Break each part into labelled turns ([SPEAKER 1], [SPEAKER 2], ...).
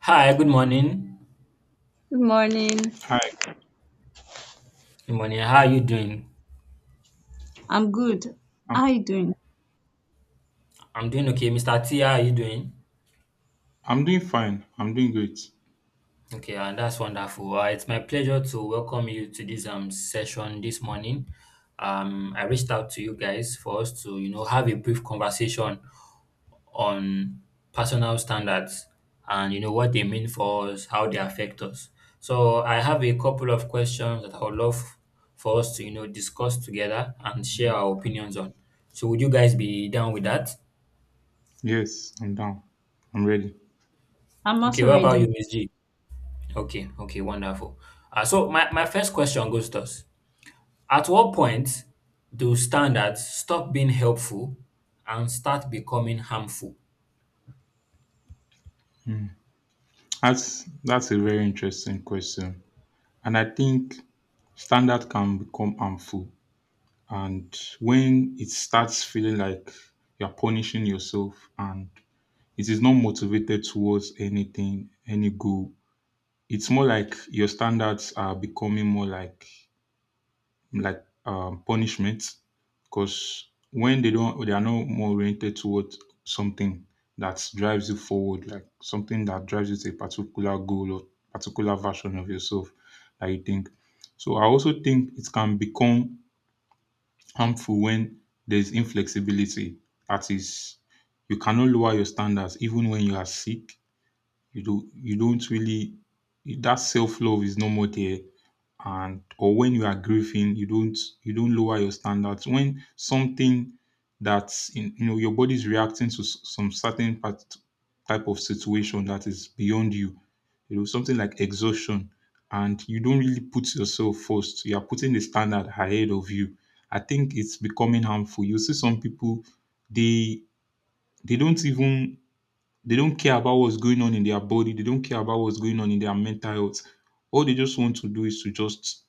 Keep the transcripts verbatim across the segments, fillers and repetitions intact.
[SPEAKER 1] Hi, good morning.
[SPEAKER 2] Good morning.
[SPEAKER 3] Hi,
[SPEAKER 1] Good morning. How are you doing?
[SPEAKER 2] I'm good.
[SPEAKER 3] I'm
[SPEAKER 2] How are you doing?
[SPEAKER 1] I'm doing okay. Mister T, how are you doing?
[SPEAKER 3] I'm doing fine. I'm doing great.
[SPEAKER 1] Okay, and that's wonderful. Uh, it's my pleasure to welcome you to this um session this morning. Um, I reached out to you guys for us to you know have a brief conversation on personal standards and you know what they mean for us, how they affect us. So I have a couple of questions that I would love for us to you know discuss together and share our opinions on. So would you guys be down with that?
[SPEAKER 3] Yes, I'm down. I'm ready.
[SPEAKER 2] I'm
[SPEAKER 1] Okay,
[SPEAKER 2] also
[SPEAKER 1] what about
[SPEAKER 2] ready.
[SPEAKER 1] you, Miss G? Okay, okay, wonderful. Uh, so my, my first question goes thus. At what point do standards stop being helpful and start becoming harmful?
[SPEAKER 3] That's that's a very interesting question. And I think standard can become harmful. And when it starts feeling like you're punishing yourself and it is not motivated towards anything, any goal, it's more like your standards are becoming more like like um, punishment because when they don't they are not more oriented towards something that drives you forward, like something that drives you to a particular goal or particular version of yourself that you think. So I also think it can become harmful when there's inflexibility. That is, you cannot lower your standards even when you are sick. You do you don't really — that self-love is no more there. And or when you are grieving, you don't you don't lower your standards when something that's in, you know, your body's reacting to s- some certain part, type of situation that is beyond you, you know, something like exhaustion, and you don't really put yourself first. You are putting the standard ahead of you. I think it's becoming harmful. You see some people, they they don't even they don't care about what's going on in their body. They don't care about what's going on in their mental health. All they just want to do is to just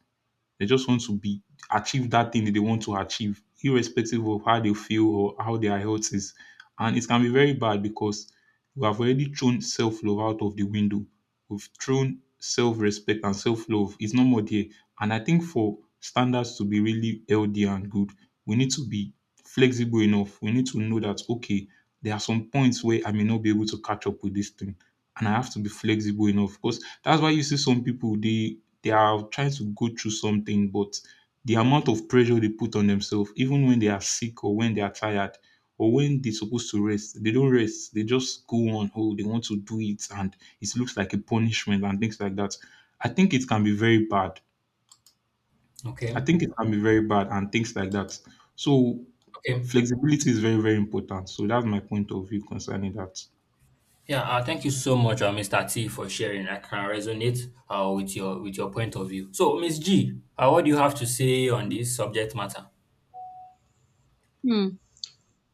[SPEAKER 3] they just want to be achieve that thing that they want to achieve, irrespective of how they feel or how their health is. And it can be very bad because we have already thrown self love out of the window. We've thrown self respect and self love. It's no more there. And I think for standards to be really healthy and good, we need to be flexible enough. We need to know that, okay, there are some points where I may not be able to catch up with this thing, and I have to be flexible enough. Because that's why you see some people, they they are trying to go through something, but the amount of pressure they put on themselves, even when they are sick or when they are tired or when they're supposed to rest, they don't rest. They just go on, oh, they want to do it, and it looks like a punishment and things like that. I think it can be very bad.
[SPEAKER 1] Okay,
[SPEAKER 3] I think it can be very bad and things like that. So
[SPEAKER 1] okay.
[SPEAKER 3] flexibility is very, very important. So that's my point of view concerning that.
[SPEAKER 1] Yeah, uh, thank you so much, uh, Mister T, for sharing. I can resonate uh, with your with your point of view. So, Miss G, uh, what do you have to say on this subject matter?
[SPEAKER 2] Hmm.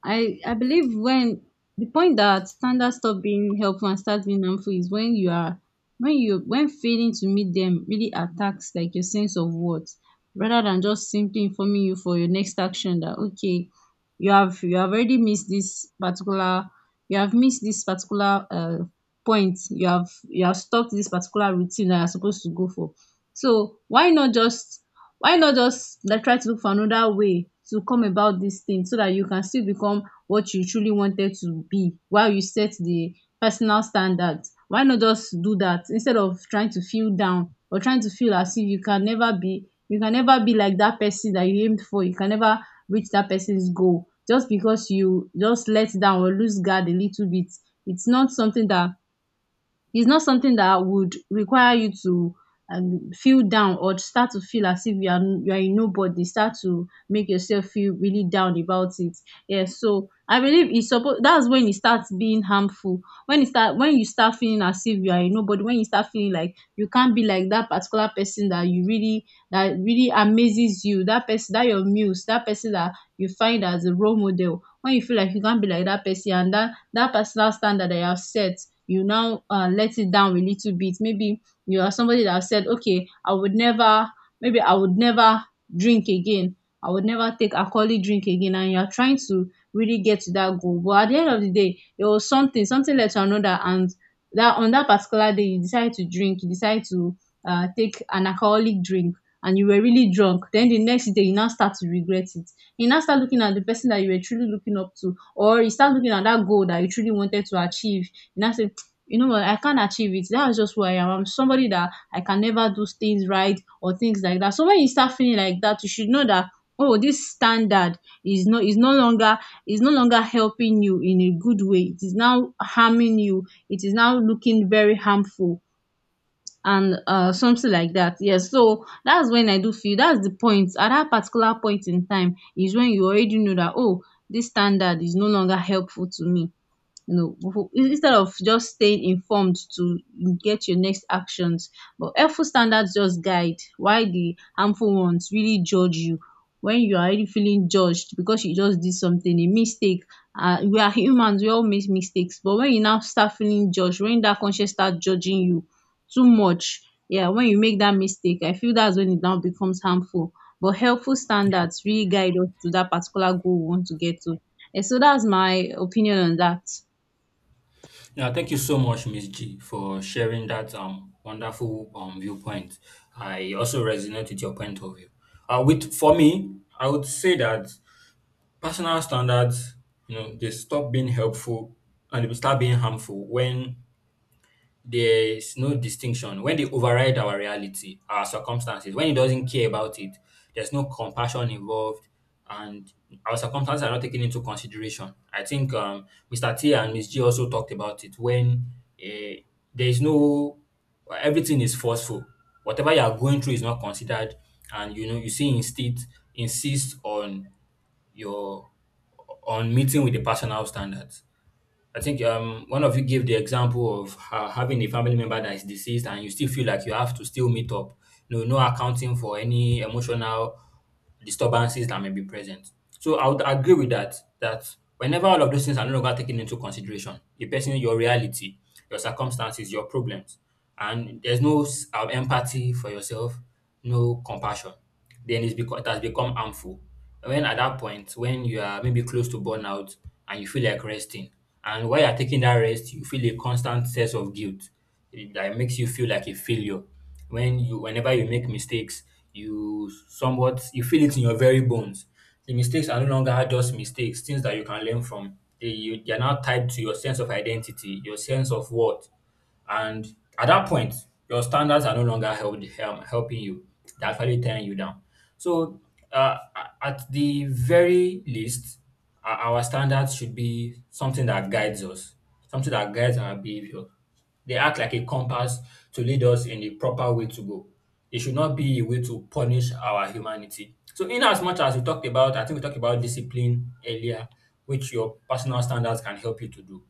[SPEAKER 2] I I believe when the point that standards stop being helpful and start being harmful is when you are when you when failing to meet them really attacks like your sense of worth rather than just simply informing you for your next action that okay, you have you have already missed this particular— you have missed this particular uh point, you have you have stopped this particular routine that you're supposed to go for. So why not just— why not just like try to look for another way to come about this thing so that you can still become what you truly wanted to be while you set the personal standards? Why not just do that instead of trying to feel down or trying to feel as if you can never be you can never be like that person that you aimed for, you can never reach that person's goal just because you just let down or lose guard a little bit? it's not something that It's not something that would require you to um feel down or to start to feel as if you are you are a nobody, start to make yourself feel really down about it. Yeah. So I believe it's suppose that's when it starts being harmful. When it start when you start feeling as if you are a nobody, when you start feeling like you can't be like that particular person that you really that really amazes you, that person that your muse, that person that you find as a role model. When you feel like you can't be like that person and that that personal standard that you have set, you now uh, let it down a little bit. Maybe you are somebody that said, okay, I would never— maybe I would never drink again, I would never take alcoholic drink again, and you're trying to really get to that goal, but at the end of the day, there was something, something led to another, and that on that particular day, you decide to drink, you decide to uh, take an alcoholic drink and you were really drunk. Then the next day, you now start to regret it. You now start looking at the person that you were truly looking up to, or you start looking at that goal that you truly wanted to achieve, and I say, you know what, I can't achieve it. That's just who I am. I'm somebody that I can never do things right or things like that. So when you start feeling like that, you should know that, oh, this standard is no is no longer is no longer helping you in a good way. It is now harming you. It is now looking very harmful, and uh, something like that. Yes, so that's when I do feel that's the point. At that particular point in time is when you already know that, oh, this standard is no longer helpful to me, you know, befo- instead of just staying informed to get your next actions. But helpful standards just guide while the harmful ones really judge you. When you are already feeling judged because you just did something a mistake— uh, we are humans, we all make mistakes, but when you now start feeling judged, when that conscience start judging you too much, yeah, when you make that mistake, I feel that's when it now becomes harmful. But helpful standards really guide us to that particular goal we want to get to. And so that's my opinion on that.
[SPEAKER 1] Yeah, thank you so much, Miss G, for sharing that um wonderful um viewpoint. I also resonate with your point of view. Uh, with for me, I would say that personal standards, you know, they stop being helpful and they start being harmful when there is no distinction, when they override our reality, our circumstances, when he doesn't care about it. There's no compassion involved, and our circumstances are not taken into consideration. I think um, Mr. T and Miss G also talked about it. When uh, there is no, everything is forceful, whatever you are going through is not considered. And you know, you see, insist insist on your, on meeting with the personal standards. I think um, one of you gave the example of uh, having a family member that is deceased, and you still feel like you have to still meet up. No, no accounting for any emotional disturbances that may be present. So I would agree with that, that whenever all of those things are no longer taken into consideration, the person, your reality, your circumstances, your problems, and there's no s- um, empathy for yourself, no compassion, then it's because it has become harmful. When at that point, when you are maybe close to burnout and you feel like resting, and while you're taking that rest, you feel a constant sense of guilt, eh, that makes you feel like a failure. When you whenever you make mistakes, you somewhat you feel it in your very bones. The mistakes are no longer just mistakes, things that you can learn from, they you, they are now tied to your sense of identity, your sense of worth. And at that point, your standards are no longer help, um, helping you. They're actually tearing you down. So, uh, a- at the very least, o- our standards should be something that guides us, something that guides our behavior. They act like a compass to lead us in the proper way to go. It should not be a way to punish our humanity. So, in as much as we talked about, I think we talked about discipline earlier, which your personal standards can help you to do,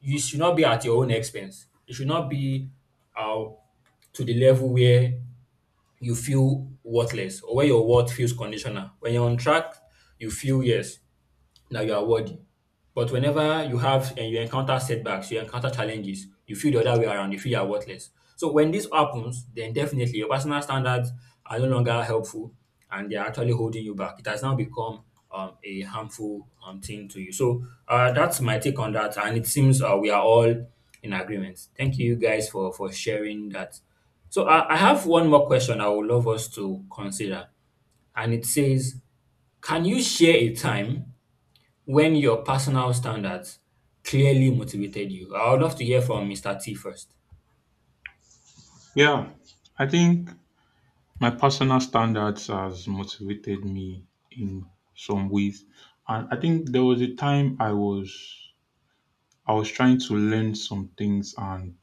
[SPEAKER 1] you should not be at your own expense. It should not be uh, to the level where you feel worthless or where your worth feels conditional. When you're on track, you feel, yes, now you are worthy. But whenever you have and you encounter setbacks, you encounter challenges, you feel the other way around, you feel you are worthless. So when this happens, then definitely your personal standards are no longer helpful and they are actually holding you back. It has now become um, a harmful um, thing to you. So uh, that's my take on that. And it seems uh, we are all in agreement. Thank you guys for, for sharing that. So I, I have one more question I would love us to consider. And it says, can you share a time when your personal standards clearly motivated you? I would love to hear from Mister T first.
[SPEAKER 3] Yeah, I think my personal standards has motivated me in some ways. And I think there was a time I was — I was trying to learn some things, and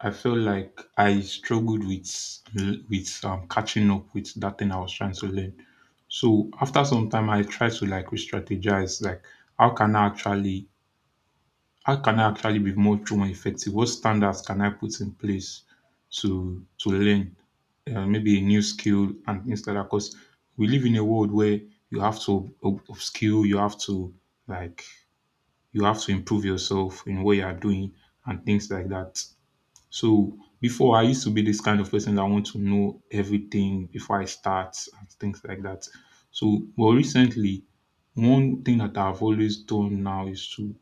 [SPEAKER 3] I felt like I struggled with with um, catching up with that thing I was trying to learn. So after some time, I tried to like re-strategize, like how can I actually how can I actually be much more effective? What standards can I put in place to to learn uh, maybe a new skill and things like that? Because we live in a world where you have to up- upskill, you have to, like, you have to improve yourself in what you are doing and things like that. So before, I used to be this kind of person that want to know everything before I start and things like that. So but recently, one thing that I've always done now is to,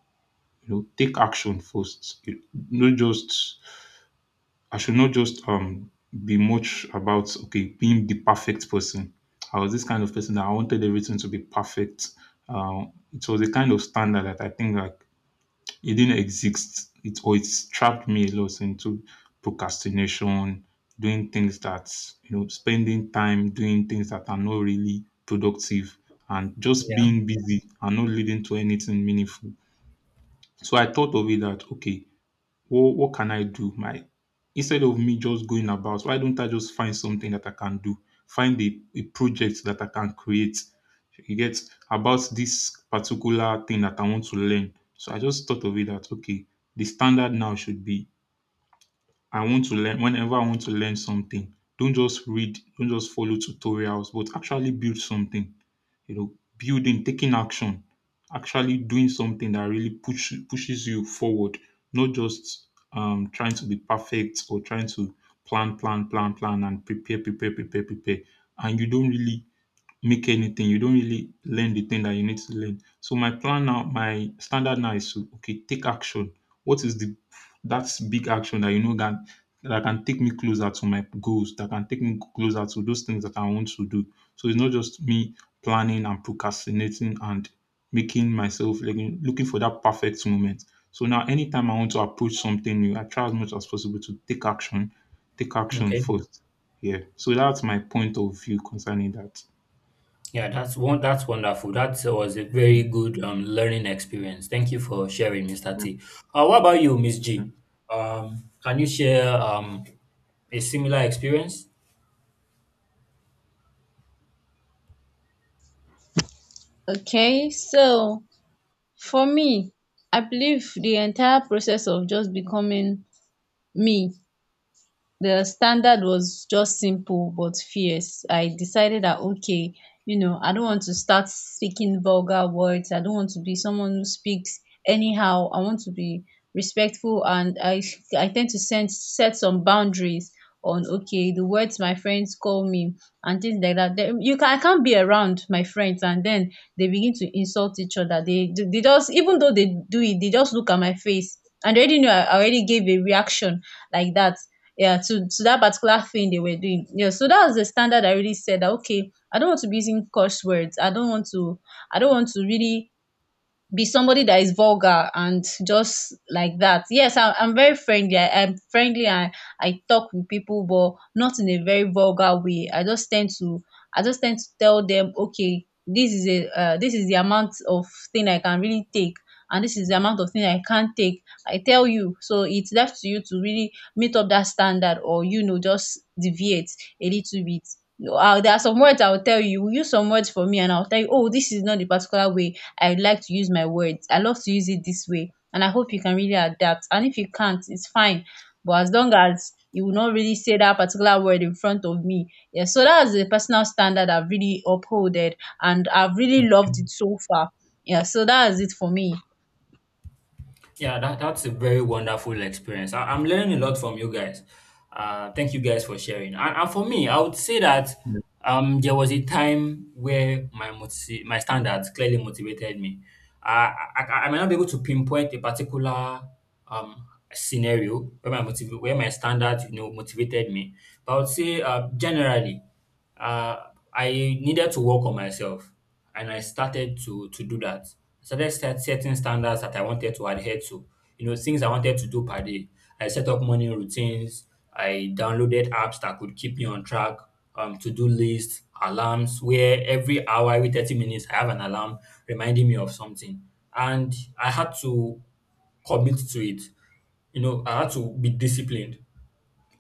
[SPEAKER 3] you know, take action first. You not just I should not just um be much about okay being the perfect person. I was this kind of person that I wanted everything to be perfect. Um, it was a kind of standard that I think like it didn't exist. It or it's trapped me a lot into procrastination, doing things that, you know, spending time doing things that are not really productive, and just
[SPEAKER 1] Yeah.
[SPEAKER 3] being busy and not leading to anything meaningful. So I thought of it that okay, what what can I do? My — instead of me just going about, why don't I just find something that I can do? Find a, a project that I can create. You get, about this particular thing that I want to learn. So I just thought of it that okay, the standard now should be, I want to learn. Whenever I want to learn something, don't just read, don't just follow tutorials, but actually build something, you know, building, taking action, actually doing something that really push, pushes you forward, not just um, trying to be perfect or trying to plan, plan, plan, plan, and prepare, prepare, prepare, prepare. And you don't really make anything. You don't really learn the thing that you need to learn. So my plan now, my standard now is to, okay, take action. What is the, that's big action that, you know, that that can take me closer to my goals, that can take me closer to those things that I want to do. So it's not just me planning and procrastinating and making myself looking looking for that perfect moment. So now anytime I want to approach something new, I try as much as possible to take action, take action
[SPEAKER 1] Okay.
[SPEAKER 3] first. Yeah. So that's my point of view concerning that.
[SPEAKER 1] Yeah, that's one. That's wonderful. That was a very good um, learning experience. Thank you for sharing, Mister T. Uh, what about you, Miss
[SPEAKER 3] Mm.
[SPEAKER 1] G? Um, can you share um, a similar experience?
[SPEAKER 2] Okay, so for me, I believe the entire process of just becoming me, the standard was just simple but fierce. I decided that, okay, you know, I don't want to start speaking vulgar words. I don't want to be someone who speaks anyhow. I want to be respectful, and I I tend to send, set some boundaries on okay the words my friends call me and things like that. Then you can— I can't be around my friends and then they begin to insult each other. They they just, even though they do it, they just look at my face and they already know I already gave a reaction like that, yeah, to to that particular thing they were doing. Yeah, so that was the standard. I really said that okay, I don't want to be using curse words, i don't want to I don't want to really be somebody that is vulgar and just like that. Yes, I, I'm very friendly. I, I'm friendly. I I talk with people, but not in a very vulgar way. I just tend to I just tend to tell them, okay, this is a— uh, this is the amount of thing I can really take, and this is the amount of thing I can't take. I tell you, so it's left to you to really meet up that standard, or, you know, just deviate a little bit. No, uh, there are some words I will tell you. You use some words for me, and I'll tell you, oh, this is not the particular way I like to use my words. I love to use it this way and I hope you can really adapt. And if you can't, it's fine. But as long as you will not really say that particular word in front of me. Yeah, so that's the personal standard I've really upholded and I've really loved it so far. Yeah, so that's it for me.
[SPEAKER 1] Yeah, that, that's a very wonderful experience. I, I'm learning a lot from you guys. Uh, thank you guys for sharing. And, and for me, I would say that
[SPEAKER 3] Yeah.
[SPEAKER 1] um, there was a time where my moti- my standards clearly motivated me. I, I, I I might not be able to pinpoint a particular um, scenario where my motiv- where my standards you know motivated me, but I would say uh, generally uh, I needed to work on myself, and I started to to do that. I started set setting standards that I wanted to adhere to, you know, things I wanted to do per day. I set up morning routines. I downloaded apps that could keep me on track, um, to-do lists, alarms, where every hour, every thirty minutes, I have an alarm reminding me of something. And I had to commit to it. You know, I had to be disciplined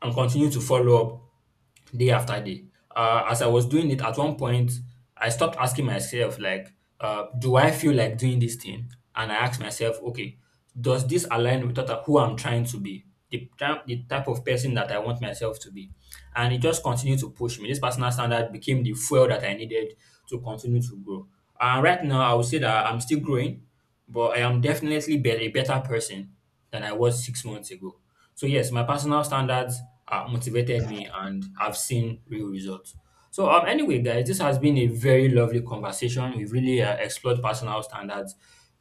[SPEAKER 1] and continue to follow up day after day. Uh, as I was doing it, at one point, I stopped asking myself, like, uh, do I feel like doing this thing? And I asked myself, okay, does this align with what I- who I'm trying to be? The, ty- the type of person that I want myself to be. And it just continued to push me. This personal standard became the fuel that I needed to continue to grow. And right now, I would say that I'm still growing, but I am definitely be- a better person than I was six months ago. So, yes, my personal standards uh, motivated me and I've seen real results. So, um, anyway, guys, this has been a very lovely conversation. We've really uh, explored personal standards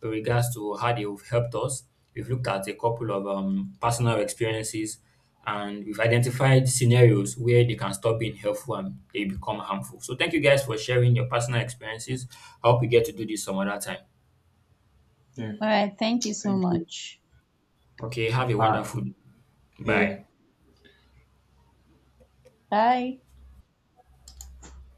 [SPEAKER 1] in regards to how they've helped us. We've looked at a couple of um, personal experiences and we've identified scenarios where they can stop being helpful and they become harmful. So, thank you guys for sharing your personal experiences. I hope we get to do this some other time.
[SPEAKER 3] Yeah.
[SPEAKER 2] All right, thank you so
[SPEAKER 3] Thank you.
[SPEAKER 2] much.
[SPEAKER 1] Okay, have a
[SPEAKER 3] Bye.
[SPEAKER 1] wonderful day.
[SPEAKER 3] Yeah.
[SPEAKER 1] Bye.
[SPEAKER 2] Bye.